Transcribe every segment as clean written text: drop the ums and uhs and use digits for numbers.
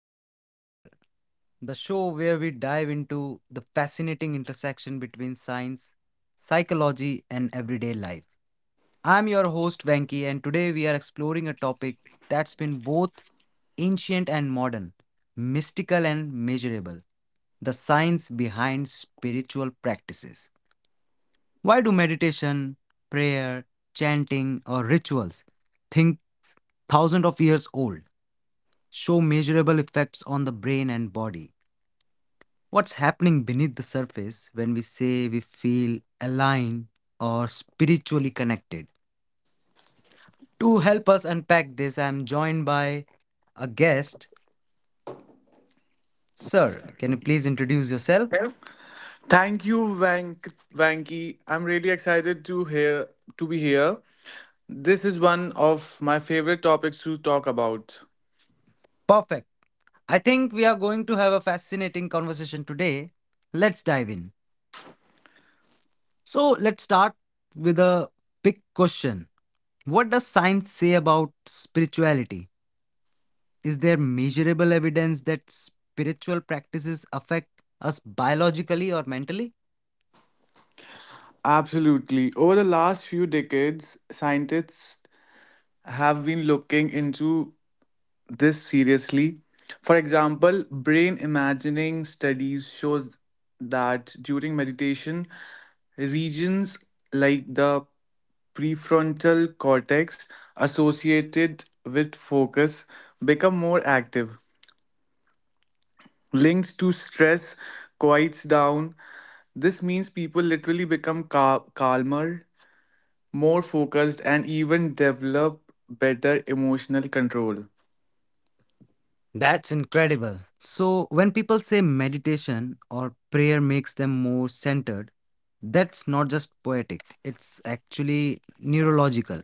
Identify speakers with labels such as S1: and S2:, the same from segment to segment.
S1: Meets Matter, the show where we dive into the fascinating intersection between science, psychology, and everyday life. I'm your host Venki, and today we are exploring a topic that's been both ancient and modern, mystical and measurable the science behind spiritual practices. Why do meditation, prayer, chanting, or rituals think thousands of years old? Show measurable effects on the brain and body. What's happening beneath the surface when we say we feel aligned or spiritually connected? To help us unpack this, I'm joined by a guest. Sir, can you please introduce yourself?
S2: Thank you, Vank Vanky. I'm really excited to hear to be here. This is one of my favorite topics to talk about.
S1: Perfect. I think we are going to have a fascinating conversation today. Let's dive in. So, let's start with a big question. What does science say about spirituality? Is there measurable evidence that spiritual practices affect us biologically or mentally?
S2: Absolutely. Over the last few decades, scientists have been looking into this seriously. For example, brain imagining studies shows that during meditation, regions like the prefrontal cortex associated with focus become more active, linked to stress, quiets down. This means people literally become calmer, more focused, and even develop better emotional control.
S1: That's incredible. So, when people say meditation or prayer makes them more centered, that's not just poetic, it's actually neurological.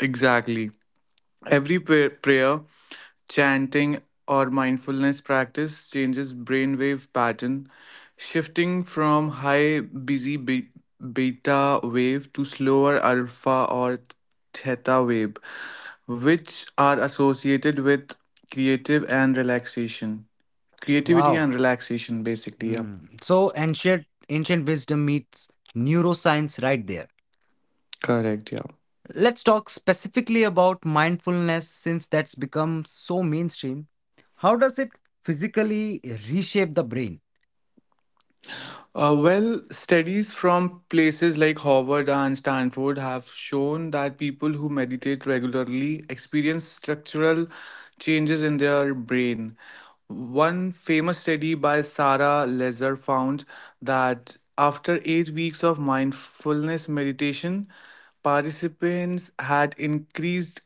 S2: Exactly. Every prayer, chanting, or mindfulness practice changes brainwave pattern, shifting from high busy beta wave to slower alpha or theta wave, which are associated with creative and relaxation. Creativity
S1: Wow.
S2: and relaxation, basically. Yeah,
S1: Hmm. So, ancient wisdom meets neuroscience right there.
S2: correct. Yeah.
S1: Let's talk specifically about mindfulness since that's become so mainstream. How does it physically reshape the brain?
S2: Well, studies from places like Harvard and Stanford have shown that people who meditate regularly experience structural changes in their brain. One famous study by Sarah Lezer found that after 8 weeks of mindfulness meditation, participants had increased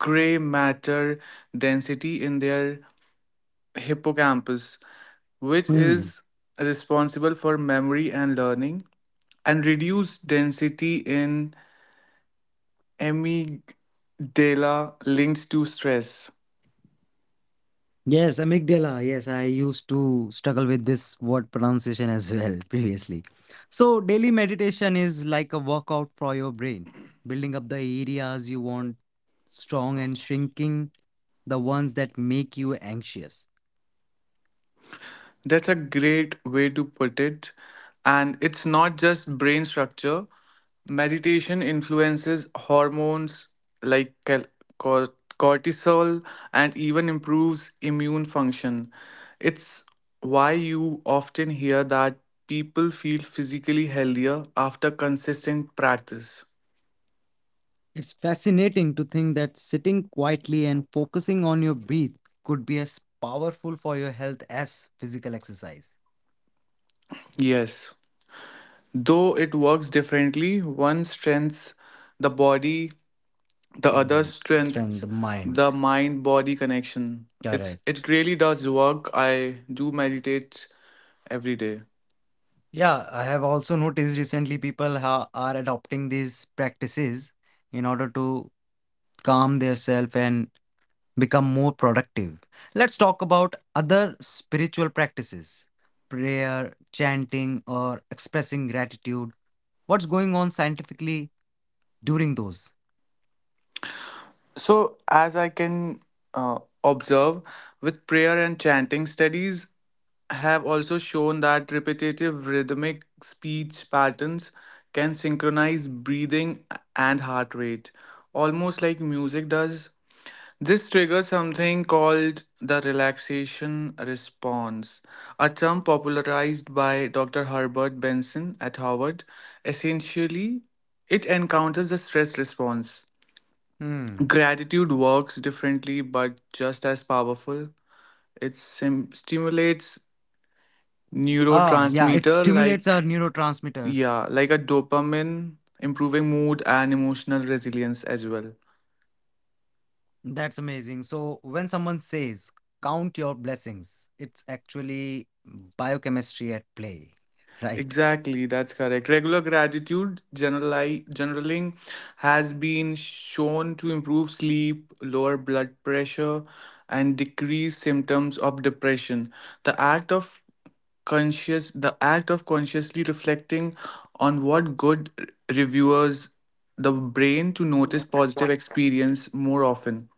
S2: gray matter density in their hippocampus, which
S1: Hmm.
S2: is responsible for memory and learning, and reduced density in amygdala linked to stress.
S1: Yes, amygdala. Yes, I used to struggle with this word pronunciation as well previously. So, daily meditation is like a workout for your brain, building up the areas you want strong and shrinking the ones that make you anxious.
S2: That's a great way to put it. And it's not just brain structure. Meditation influences hormones like cor- cortisol and even improves immune function. It's why you often hear that people feel physically healthier after consistent practice.
S1: It's fascinating to think that sitting quietly and focusing on your breath could be as powerful for your health as physical exercise.
S2: Yes. Though it works differently, one strengthens the body, the other
S1: Hmm. Train
S2: strengths
S1: the mind.
S2: the mind body connection. it's
S1: Correct.
S2: it really does work. I do meditate every day.
S1: Yeah, I have also noticed recently people are adopting these practices in order to calm themselves and become more productive. Let's talk about other spiritual practices prayer, chanting, or expressing gratitude. What's going on scientifically during those.
S2: So, as I can observe, with prayer and chanting, studies have also shown that repetitive rhythmic speech patterns can synchronize breathing and heart rate, almost like music does. This triggers something called the relaxation response, a term popularized by Dr. Herbert Benson at Harvard. Essentially, it encounters the stress response.
S1: Hmm.
S2: Gratitude works differently but just as powerful. It stimulates
S1: Ah, yeah, it
S2: neurotransmitter
S1: stimulates our
S2: like,
S1: neurotransmitters.
S2: yeah, like a dopamine, improving mood and emotional resilience as well.
S1: That's amazing. So when someone says count your blessings, it's actually biochemistry at play, right?
S2: Exactly, that's correct. Regular gratitude generaling has been shown to improve sleep, lower blood pressure, and decrease symptoms of depression. The act of the act of consciously reflecting on what good reviewers the brain to notice positive experience more often.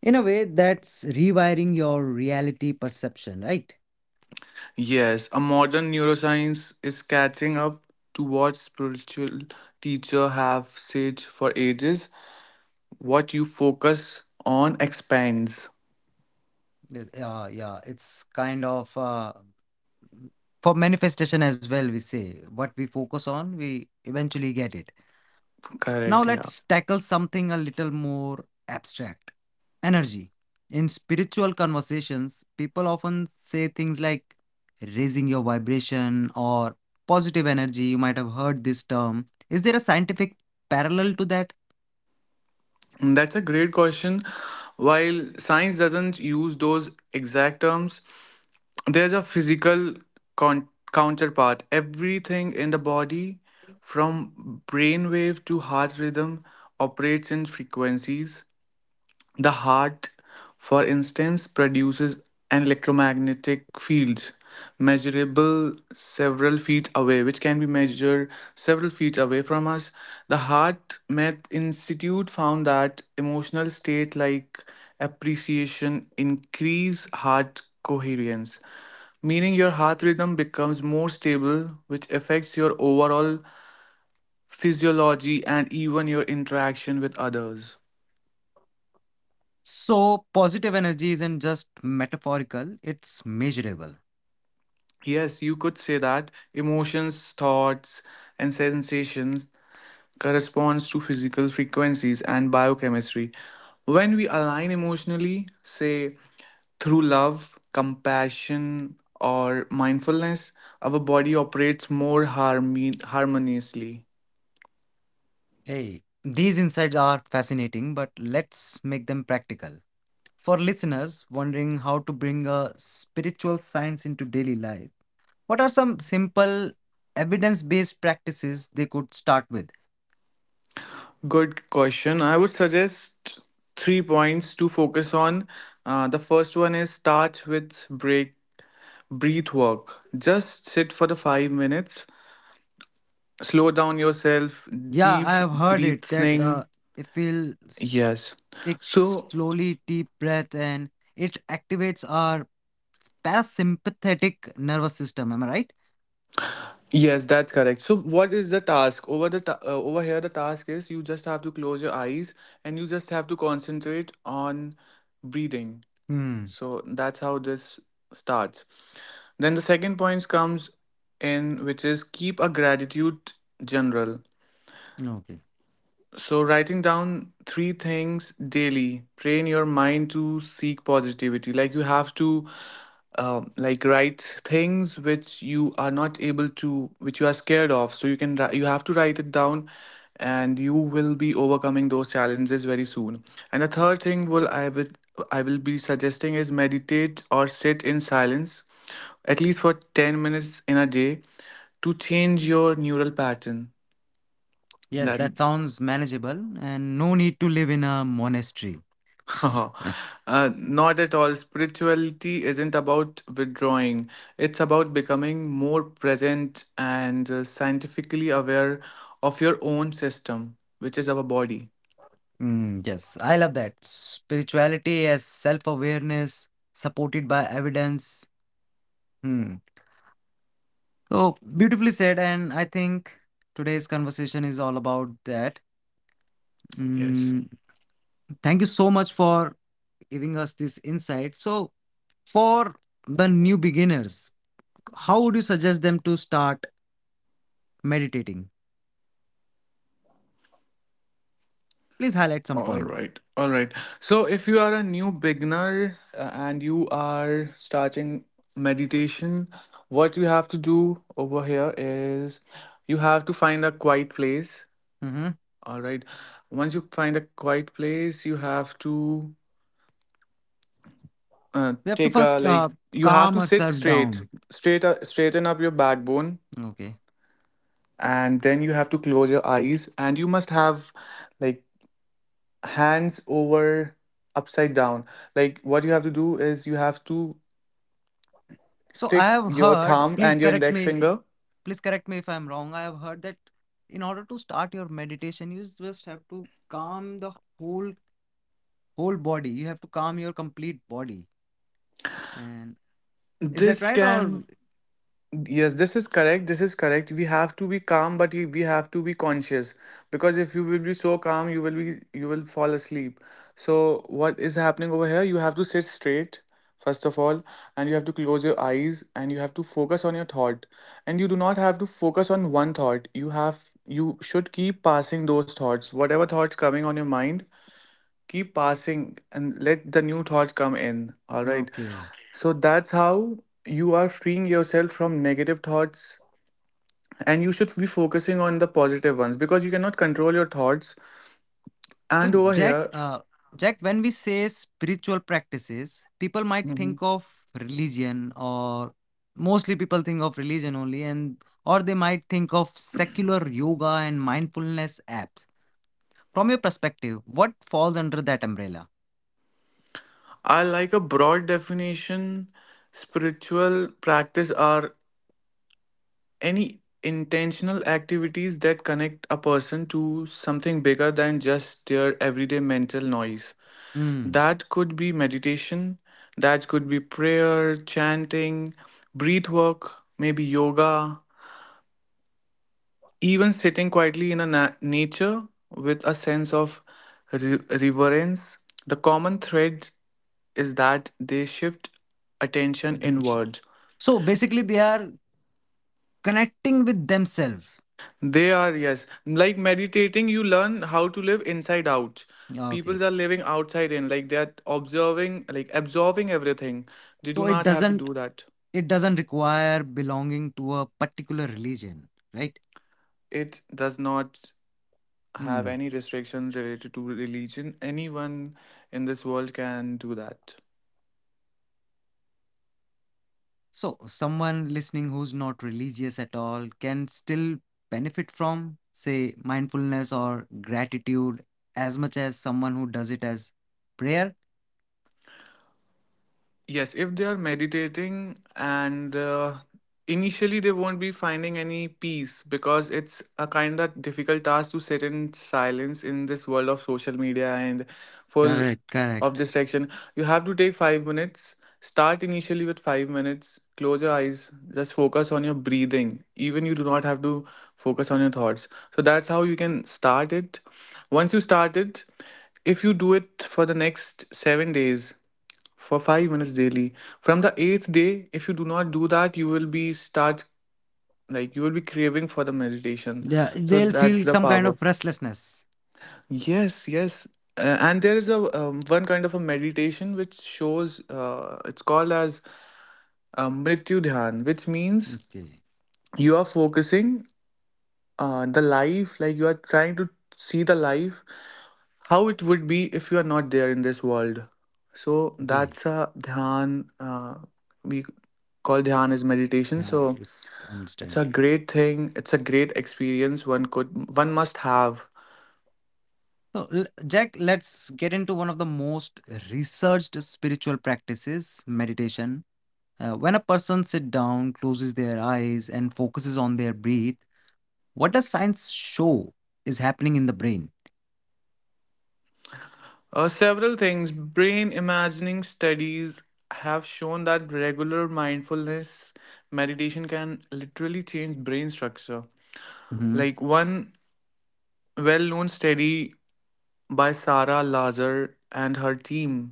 S1: In a way, that's rewiring your reality perception, right?
S2: Yes, a modern neuroscience is catching up to what spiritual teacher have said for ages. What you focus on expands.
S1: Yeah, yeah. It's kind of for manifestation as well. We say what we focus on, we eventually get it. Now
S2: Correct, yeah.
S1: let's tackle something a little more abstract energy. In spiritual conversations, people often say things like raising your vibration or positive energy. You might have heard this term. Is there a scientific parallel to that?
S2: And That's a great question. While science doesn't use those exact terms, there's a physical counterpart. Everything in the body, from brainwave to heart rhythm, operates in frequencies. The heart, for instance, produces an electromagnetic field measurable several feet away, which can be measured several feet away from us. The Heart Math Institute found that emotional state like appreciation increase heart coherence, meaning your heart rhythm becomes more stable, which affects your overall physiology and even your interaction with others.
S1: So, positive energy isn't just metaphorical, it's measurable.
S2: Yes, you could say that emotions, thoughts, and sensations corresponds to physical frequencies and biochemistry. When we align emotionally, say through love, compassion, or mindfulness, our body operates more harmoniously.
S1: Hey, these insights are fascinating, but let's make them practical. For listeners wondering how to bring a spiritual science into daily life, what are some simple evidence based practices they could start with?
S2: Good question. I would suggest 3 points to focus on. The first one is start with break breath work. Just sit for the 5 minutes, slow down yourself,
S1: Yeah, I
S2: deep
S1: have heard it that
S2: breathing.
S1: if
S2: Yes,
S1: take
S2: so
S1: slowly deep breath and it activates our parasympathetic nervous system. Am I right?
S2: yes, that's correct. So what is the task over over here? The task is you just have to close your eyes and you just have to concentrate on breathing.
S1: Hmm,
S2: So that's how this starts. Then the second point comes in, which is keep a gratitude general.
S1: okay.
S2: So, writing down three things daily, train your mind to seek positivity. Like, you have to, like, write things which you are not able to, which you are scared of, so you can, you have to write it down, and you will be overcoming those challenges very soon. And the third thing will, I will be suggesting is meditate or sit in silence at least for 10 minutes in a day to change your neural pattern.
S1: Yes,
S2: That…
S1: that sounds manageable and no need to live in a monastery.
S2: Oh, not at all. Spirituality isn't about withdrawing, it's about becoming more present and scientifically aware of your own system, which is our body.
S1: Mm, yes, I love that. Spirituality as self awareness supported by evidence. Oh, beautifully said. And I think today's conversation is all about that.
S2: Yes.
S1: Mm, thank you so much for giving us this insight. So, for the new beginners, how would you suggest them to start meditating? Please highlight some
S2: All
S1: points.
S2: right. All right. So, if you are a new beginner and you are starting meditation, what you have to do over here is you have to find a quiet place.
S1: Mhm.
S2: All right. Once you find a quiet place, you have to,
S1: We have to
S2: take a,
S1: first
S2: like you have
S1: calm
S2: to sit
S1: ourselves
S2: straight,
S1: down.
S2: straight up, straighten up your backbone,
S1: Okay.
S2: and then you have to close your eyes and you must have, like, hands over upside down. Like, what you have to do is you have to
S1: So, I
S2: stick
S1: have
S2: your
S1: heard,
S2: thumb and your index finger.
S1: please correct me if I'm wrong. I have heard that in order to start your meditation, you just have to calm the whole body. You have to calm your complete body. And is that
S2: This
S1: right?
S2: can…
S1: Or
S2: Yes, this is correct. This is correct. We have to be calm, but we have to be conscious, because if you will be so calm, you will be, you will fall asleep. So what is happening over here? You have to sit straight first of all, and you have to close your eyes and you have to focus on your thought. And you do not have to focus on one thought. You should keep passing those thoughts. Whatever thoughts coming on your mind, keep passing and let the new thoughts come in, all right.
S1: okay.
S2: So that's how you are freeing yourself from negative thoughts, and you should be focusing on the positive ones because you cannot control your thoughts.
S1: So,
S2: And over
S1: Jack,
S2: here…
S1: Jack, when we say spiritual practices, people might
S2: Mhm.
S1: think of religion, or mostly people think of religion only, and or they might think of secular yoga and mindfulness apps. From your perspective, what falls under that umbrella?
S2: I like a broad definition. Spiritual practice are any intentional activities that connect a person to something bigger than just their everyday mental noise.
S1: Hmm,
S2: That could be meditation, that could be prayer, chanting, breath work, maybe yoga, even sitting quietly in a nature with a sense of reverence. The common thread is that they shift attention
S1: intention.
S2: inward.
S1: So basically, they are connecting with themselves.
S2: They are, yes, like meditating, you learn how to live inside out.
S1: Okay.
S2: People are living outside in, like they are observing, like absorbing everything. They do
S1: So it
S2: not have to
S1: doesn't.
S2: do that.
S1: It doesn't require belonging to a particular religion, right?
S2: It does not have
S1: Hmm.
S2: any restrictions related to religion. Anyone in this world can do that.
S1: So, someone listening who's not religious at all can still benefit from, say, mindfulness or gratitude as much as someone who does it as prayer.
S2: Yes, if they are meditating, and initially they won't be finding any peace because it's a kind of difficult task to sit in silence in this world of social media and full
S1: Correct,
S2: of
S1: correct.
S2: distraction. You have to take 5 minutes. Start initially with 5 minutes. Close your eyes. Just focus on your breathing. Even you do not have to focus on your thoughts. So that's how you can start it. Once you start it, if you do it for the next 7 days, for 5 minutes daily. From the eighth day, if you do not do that, you will be start, like, you will be craving for the meditation.
S1: Yeah,
S2: So
S1: they'll
S2: that's
S1: feel
S2: the
S1: some kind
S2: power.
S1: of restlessness.
S2: Yes, yes. And there is a one kind of a meditation which shows, it's called as, Mrityu Dhyan, which means
S1: Okay,
S2: you are focusing, the life, like you are trying to see the life how it would be if you are not there in this world. So
S1: okay.
S2: that's a dhyana. We call dhyana as meditation.
S1: Yeah,
S2: So
S1: it- I
S2: it's
S1: understand.
S2: a great thing. It's a great experience one must have.
S1: So, Jack, let's get into one of the most researched spiritual practices meditation. When a person sits down, closes their eyes, and focuses on their breath, what does science show is happening in the brain?
S2: Several things. Brain imagining studies have shown that regular mindfulness meditation can literally change brain structure.
S1: Mm-hmm.
S2: Like one well-known study by Sarah Lazar and her team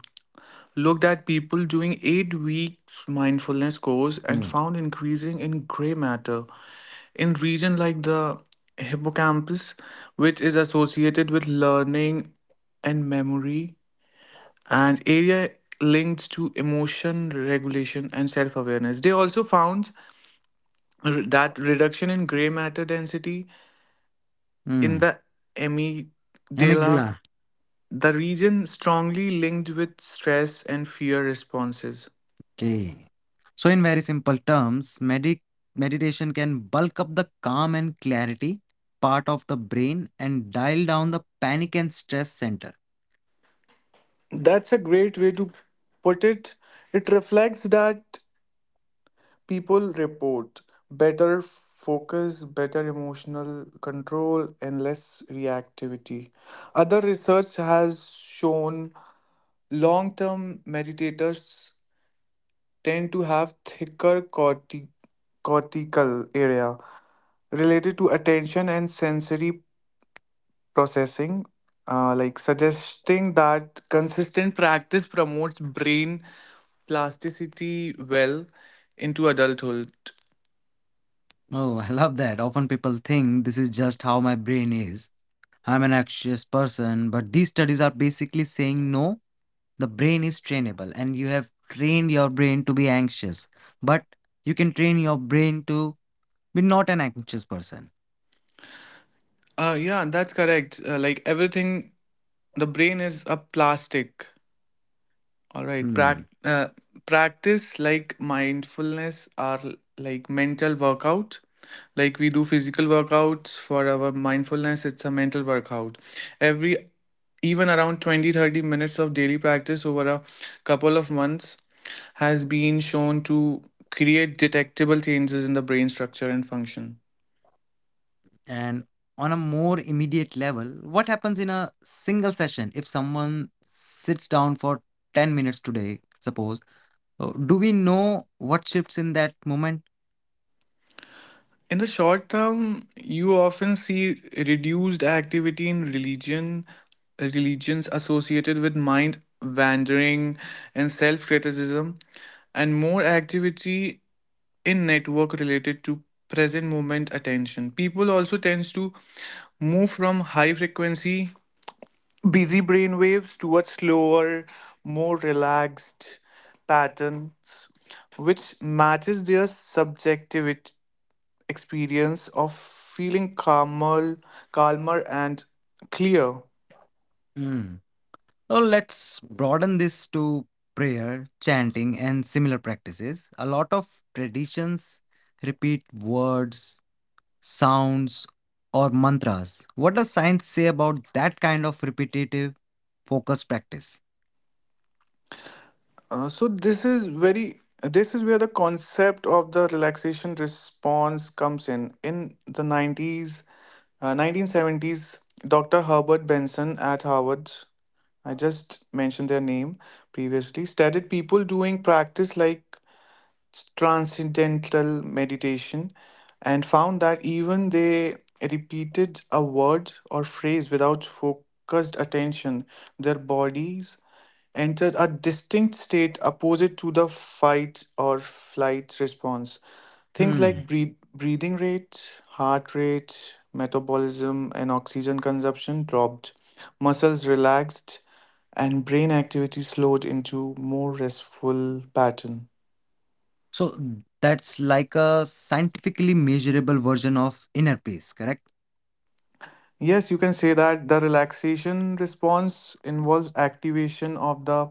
S2: looked at people doing 8 weeks mindfulness course and
S1: Mm.
S2: found increasing in gray matter in region like the hippocampus, which is associated with learning and memory, and area linked to emotion regulation and self awareness. They also found that reduction in gray matter density in
S1: Mm.
S2: the amygdala,
S1: Amygdala.
S2: the region strongly linked with stress and fear responses.
S1: Okay. So, in very simple terms, meditation can bulk up the calm and clarity part of the brain and dial down the panic and stress center.
S2: That's a great way to put it. It reflects that people report better focus, better emotional control, and less reactivity. Other research has shown long term meditators tend to have thicker cortical area related to attention and sensory processing, like suggesting that consistent practice promotes brain plasticity well into adulthood.
S1: Oh, I love that. Often people think this is just how my brain is. I'm an anxious person, but these studies are basically saying no. The brain is trainable and you have trained your brain to be anxious but you can train your brain to be not an anxious person.
S2: Yeah, that's correct. Like everything, the brain is a plastic. All right,
S1: Hmm.
S2: practice like mindfulness are like mental workout. Like we do physical workouts for our mindfulness, it's a mental workout. Every Even around 20 30 minutes of daily practice over a couple of months has been shown to create detectable changes in the brain structure and function.
S1: And on a more immediate level what happens in a single session if someone sits down for 10 minutes today suppose, do we know what shifts in that moment?
S2: In the short term, you often see reduced activity in religion, religions associated with mind wandering and self criticism, and more activity in network related to present moment attention. People also tends to move from high frequency, busy brain waves towards slower, more relaxed patterns, which matches their subjectivity experience of feeling calmer and clear.
S1: Hmm. Well, let's broaden this to prayer, chanting, and similar practices. A lot of traditions repeat words, sounds, or mantras. What does science say about that kind of repetitive focus practice?
S2: So this is very this is where the concept of the relaxation response comes in the 90s 1970s. Dr. Herbert Benson at Harvard, I just mentioned their name, previously studied people doing practice like transcendental meditation and found that even they repeated a word or phrase without focused attention, their bodies entered a distinct state opposite to the fight or flight response. Things
S1: Hmm.
S2: like breathing rate, heart rate, metabolism, and oxygen consumption dropped. Muscles relaxed, and brain activity slowed into more restful pattern.
S1: So that's like a scientifically measurable version of inner peace, correct?
S2: Yes, you can say that the relaxation response involves activation of the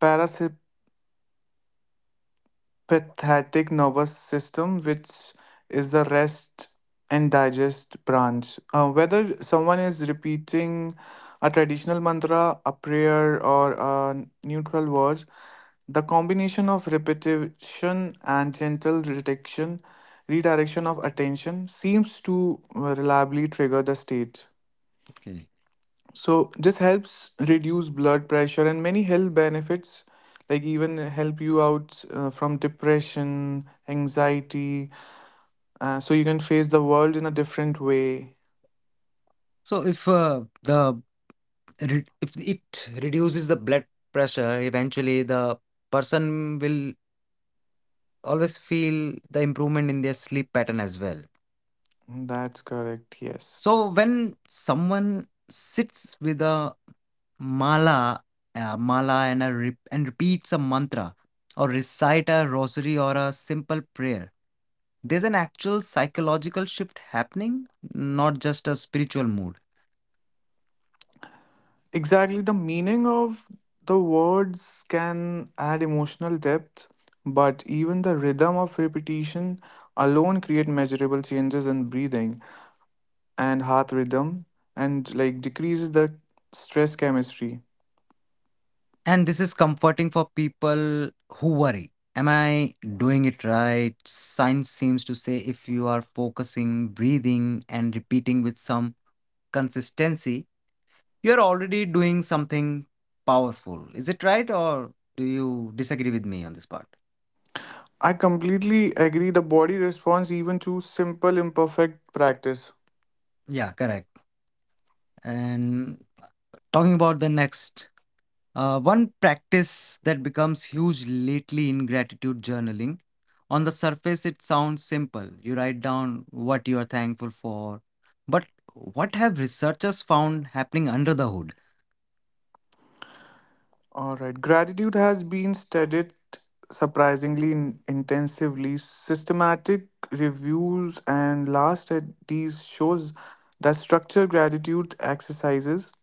S2: parasympathetic nervous system, which is the rest and digest branch. Whether someone is repeating a traditional mantra, a prayer, or a neutral words, the combination of repetition and gentle redirection of attention seems to reliably trigger the state.
S1: Okay.
S2: So this helps reduce blood pressure and many health benefits, like even help you out from depression, anxiety, so you can face the world in a different way.
S1: So if if it reduces the blood pressure, eventually the person will always feel the improvement in their sleep pattern as well.
S2: Mm, that's correct, yes.
S1: So when someone sits with a mala, mala and and repeats a mantra or recite a rosary or a simple prayer, there's an actual psychological shift happening, not just a spiritual mood.
S2: Exactly, the meaning of the words can add emotional depth, but even the rhythm of repetition alone create measurable changes in breathing and heart rhythm and like decreases the stress chemistry.
S1: And this is comforting for people who worry. Am I doing it right? Science seems to say if you are focusing, breathing, and repeating with some consistency, you are already doing something powerful. Is it right, or do you disagree with me on this part?
S2: I completely agree. The body responds even to simple, imperfect practice.
S1: Yeah, correct. And talking about the next, one practice that becomes huge lately in gratitude journaling. On the surface, it sounds simple. You write down what you are thankful for. But what have researchers found happening under the hood?
S2: All right. Gratitude has been studied surprisingly intensively. Systematic reviews and last studies shows that structured gratitude exercises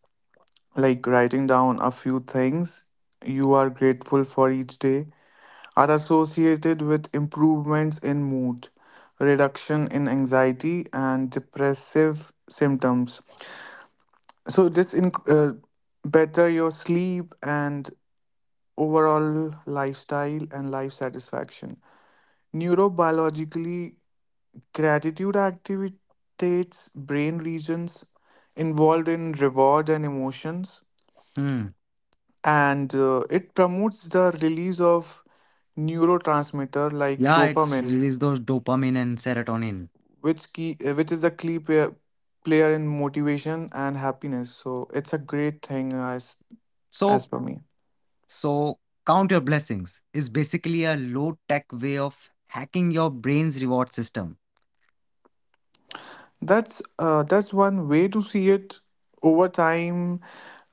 S2: like writing down a few things you are grateful for each day are associated with improvements in mood, reduction in anxiety and depressive symptoms. So this in better your sleep and overall lifestyle and life satisfaction. Neurobiologically, gratitude activates brain regions involved in reward and emotions,
S1: Hmm.
S2: and it promotes the release of neurotransmitter like
S1: Yeah, it's
S2: dopamine,
S1: release those dopamine and serotonin.
S2: which key which is a key player in motivation and happiness. So it's a great thing as
S1: So
S2: per me.
S1: So, count your blessings is basically a low tech way of hacking your brain's reward system.
S2: That's one way to see it. Over time,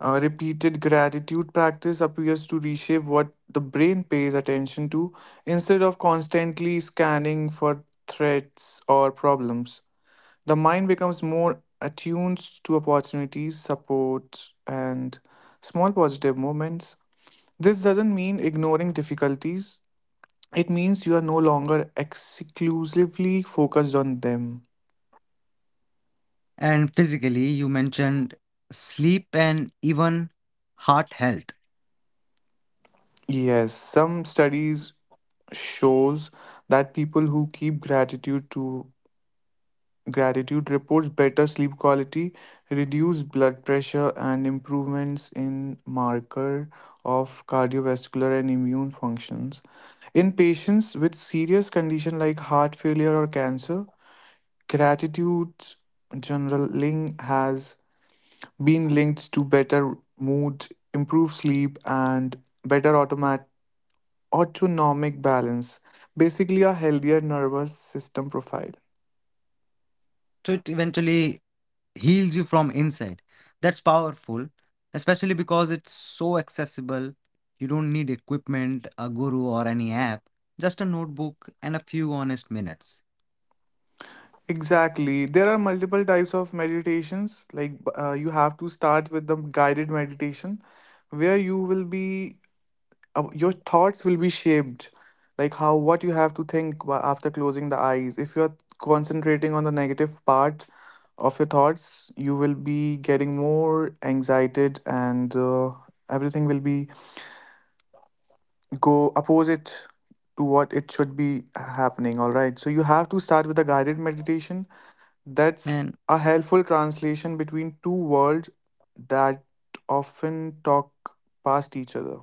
S2: repeated gratitude practice appears to reshape what the brain pays attention to instead of constantly scanning for threats or problems. The mind becomes more attuned to opportunities, supports, and small positive moments. This doesn't mean ignoring difficulties. It means you are no longer exclusively focused on them.
S1: And physically, you mentioned sleep and even heart health.
S2: Yes, some studies shows that people who keep gratitude reports better sleep quality, reduced blood pressure, and improvements in marker of cardiovascular and immune functions. In patients with serious condition like heart failure or cancer, gratitude journaling has been linked to better mood, improved sleep, and better automatic autonomic balance, basically a healthier nervous system profile.
S1: So, it eventually heals you from inside. That's powerful, especially because it's so accessible. You don't need equipment, a guru, or any app, just a notebook and a few honest minutes.
S2: Exactly. There are multiple types of meditations. Like you have to start with the guided meditation, where you will be your thoughts will be shaped, like how what you have to think after closing the eyes. If you are concentrating on the negative part of your thoughts, you will be getting more excited, and everything will be go opposite to what it should be happening. All right, so you have to start with a guided meditation. That's
S1: And
S2: a helpful translation between two worlds that often talk past each other.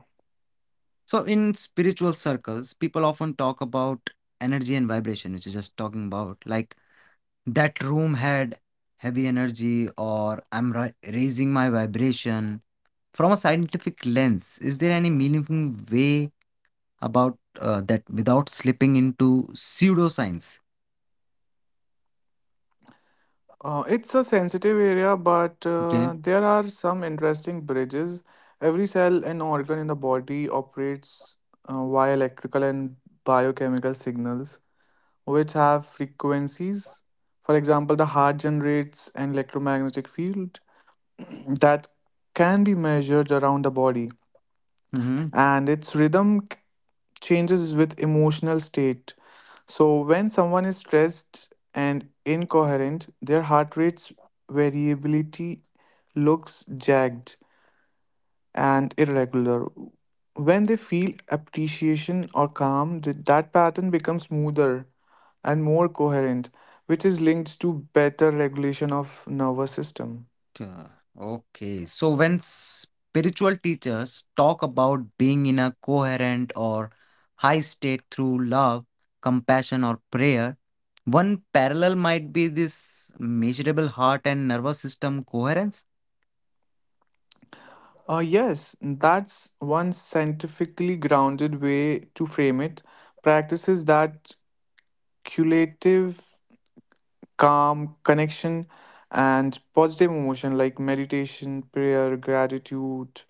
S1: so, in spiritual circles, people often talk about energy and vibration, which is just talking about like that room had heavy energy, or I'm raising my vibration. From a scientific lens, is there any meaningful way about that without slipping into pseudoscience.
S2: It's a sensitive area, but
S1: Okay.
S2: there are some interesting bridges. Every cell and organ in the body operates via electrical and biochemical signals which have frequencies. For example, the heart generates an electromagnetic field that can be measured around the body,
S1: Mm-hmm.
S2: and its changes with emotional state. So, when someone is stressed and incoherent, their heart rate's variability looks jagged and irregular. When they feel appreciation or calm, that pattern becomes smoother and more coherent, which is linked to better regulation of nervous system.
S1: Okay. So when spiritual teachers talk about being in a coherent or high state through love, compassion, or prayer, one parallel might be this measurable heart and nervous system coherence.
S2: Yes, that's one scientifically grounded way to frame it. Practices that cumulative calm, connection, and positive emotion like meditation, prayer, gratitude,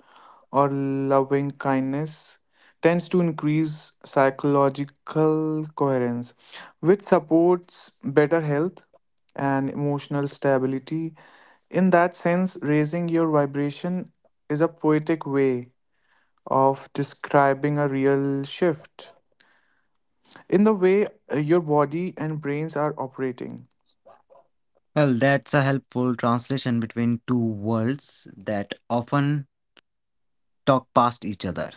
S2: or loving kindness tends to increase psychological coherence, which supports better health and emotional stability. In that sense, raising your vibration is a poetic way of describing a real shift in the way your body and brains are operating.
S1: Well, that's a helpful translation between two worlds that often talk past each other.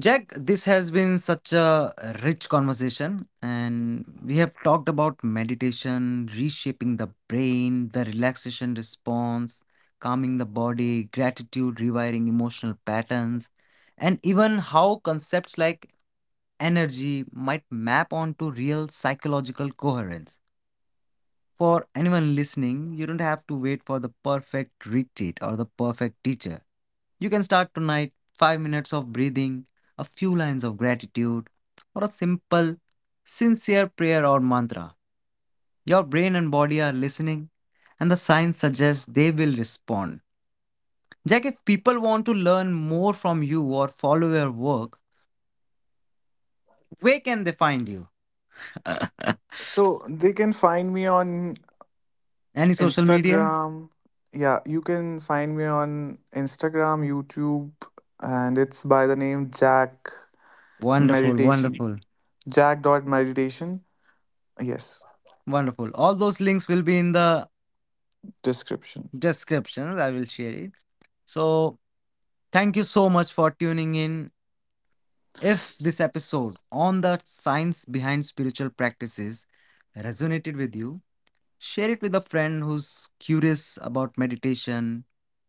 S1: Jack, this has been such a rich conversation, and we have talked about meditation, reshaping the brain, the relaxation response, calming the body, gratitude, rewiring emotional patterns, and even how concepts like energy might map onto real psychological coherence. For anyone listening, you don't have to wait for the perfect retreat or the perfect teacher. You can start tonight 5 minutes of breathing, a few lines of gratitude, or a simple, sincere prayer or mantra. Your brain and body are listening, and the science suggests they will respond. Jack, if people want to learn more from you or follow your work, where can they find you?
S2: So they can find me on
S1: Any social media?
S2: Instagram. Yeah, you can find me on Instagram, YouTube, and it's by the name Jack
S1: Wonderful,
S2: Meditation.
S1: wonderful,
S2: Jack dot meditation. Yes,
S1: wonderful. All those links will be in the
S2: description.
S1: descriptions. I will share it. So, thank you so much for tuning in. If this episode on the science behind spiritual practices resonated with you, share it with a friend who's curious about meditation,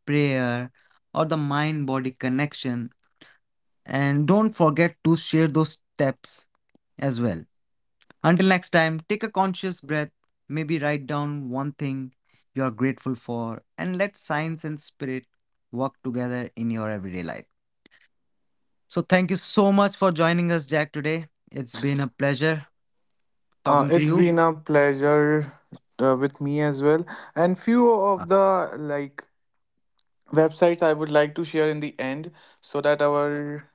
S1: prayer, or the mind body connection. And don't forget to share those steps as well. Until next time, take a conscious breath, maybe write down one thing you are grateful for, and let science and spirit work together in your everyday life. So, thank you so much for joining us, Jack, today. It's been a pleasure
S2: Uh,
S1: talking to
S2: it's
S1: you.
S2: been a pleasure with me as well. And few
S1: Uh,
S2: of the like websites I would like to share in the end so that our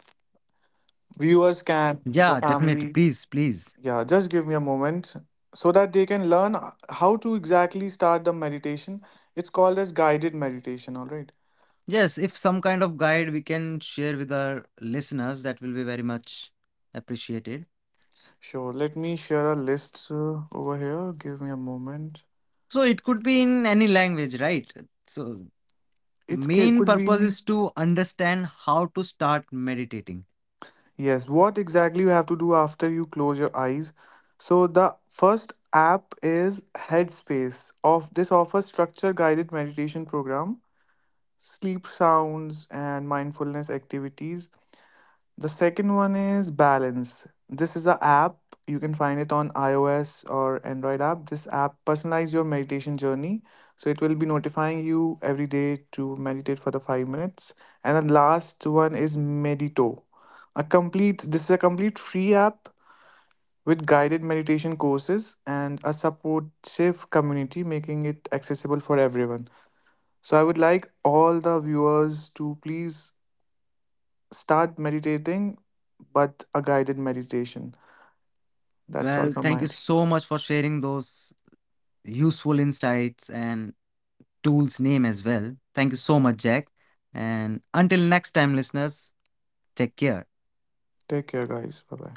S2: viewers can, our
S1: Yeah, definitely.
S2: family.
S1: Please.
S2: Yeah, just give me a moment so that they can learn how to exactly start the meditation. It's called as guided meditation, all right?
S1: Yes, if some kind of guide we can share with our listeners, that will be very much appreciated.
S2: Sure, let me share a list over here. Give me a moment.
S1: So, it could be in any language, right? So, the
S2: It
S1: main
S2: could be.
S1: purpose is to understand how to start meditating.
S2: Yes, what exactly you have to do after you close your eyes. So the first app is Headspace. Of this offers structure guided meditation program, sleep sounds and mindfulness activities. The second one is Balance. This is a app. You can find it on iOS or Android app. This app personalize your meditation journey. So it will be notifying you every day to meditate for the 5 minutes. And the last one is Medito. A complete This is a complete free app with guided meditation courses and a supportive community making it accessible for everyone. So I would like all the viewers to please start meditating, but a guided meditation. That's
S1: Well,
S2: all from
S1: thank
S2: my
S1: you
S2: end.
S1: so much for sharing those useful insights and tools name as well. Thank you so much, Jack. And until next time, listeners, take care.
S2: Take care, guys. Bye bye.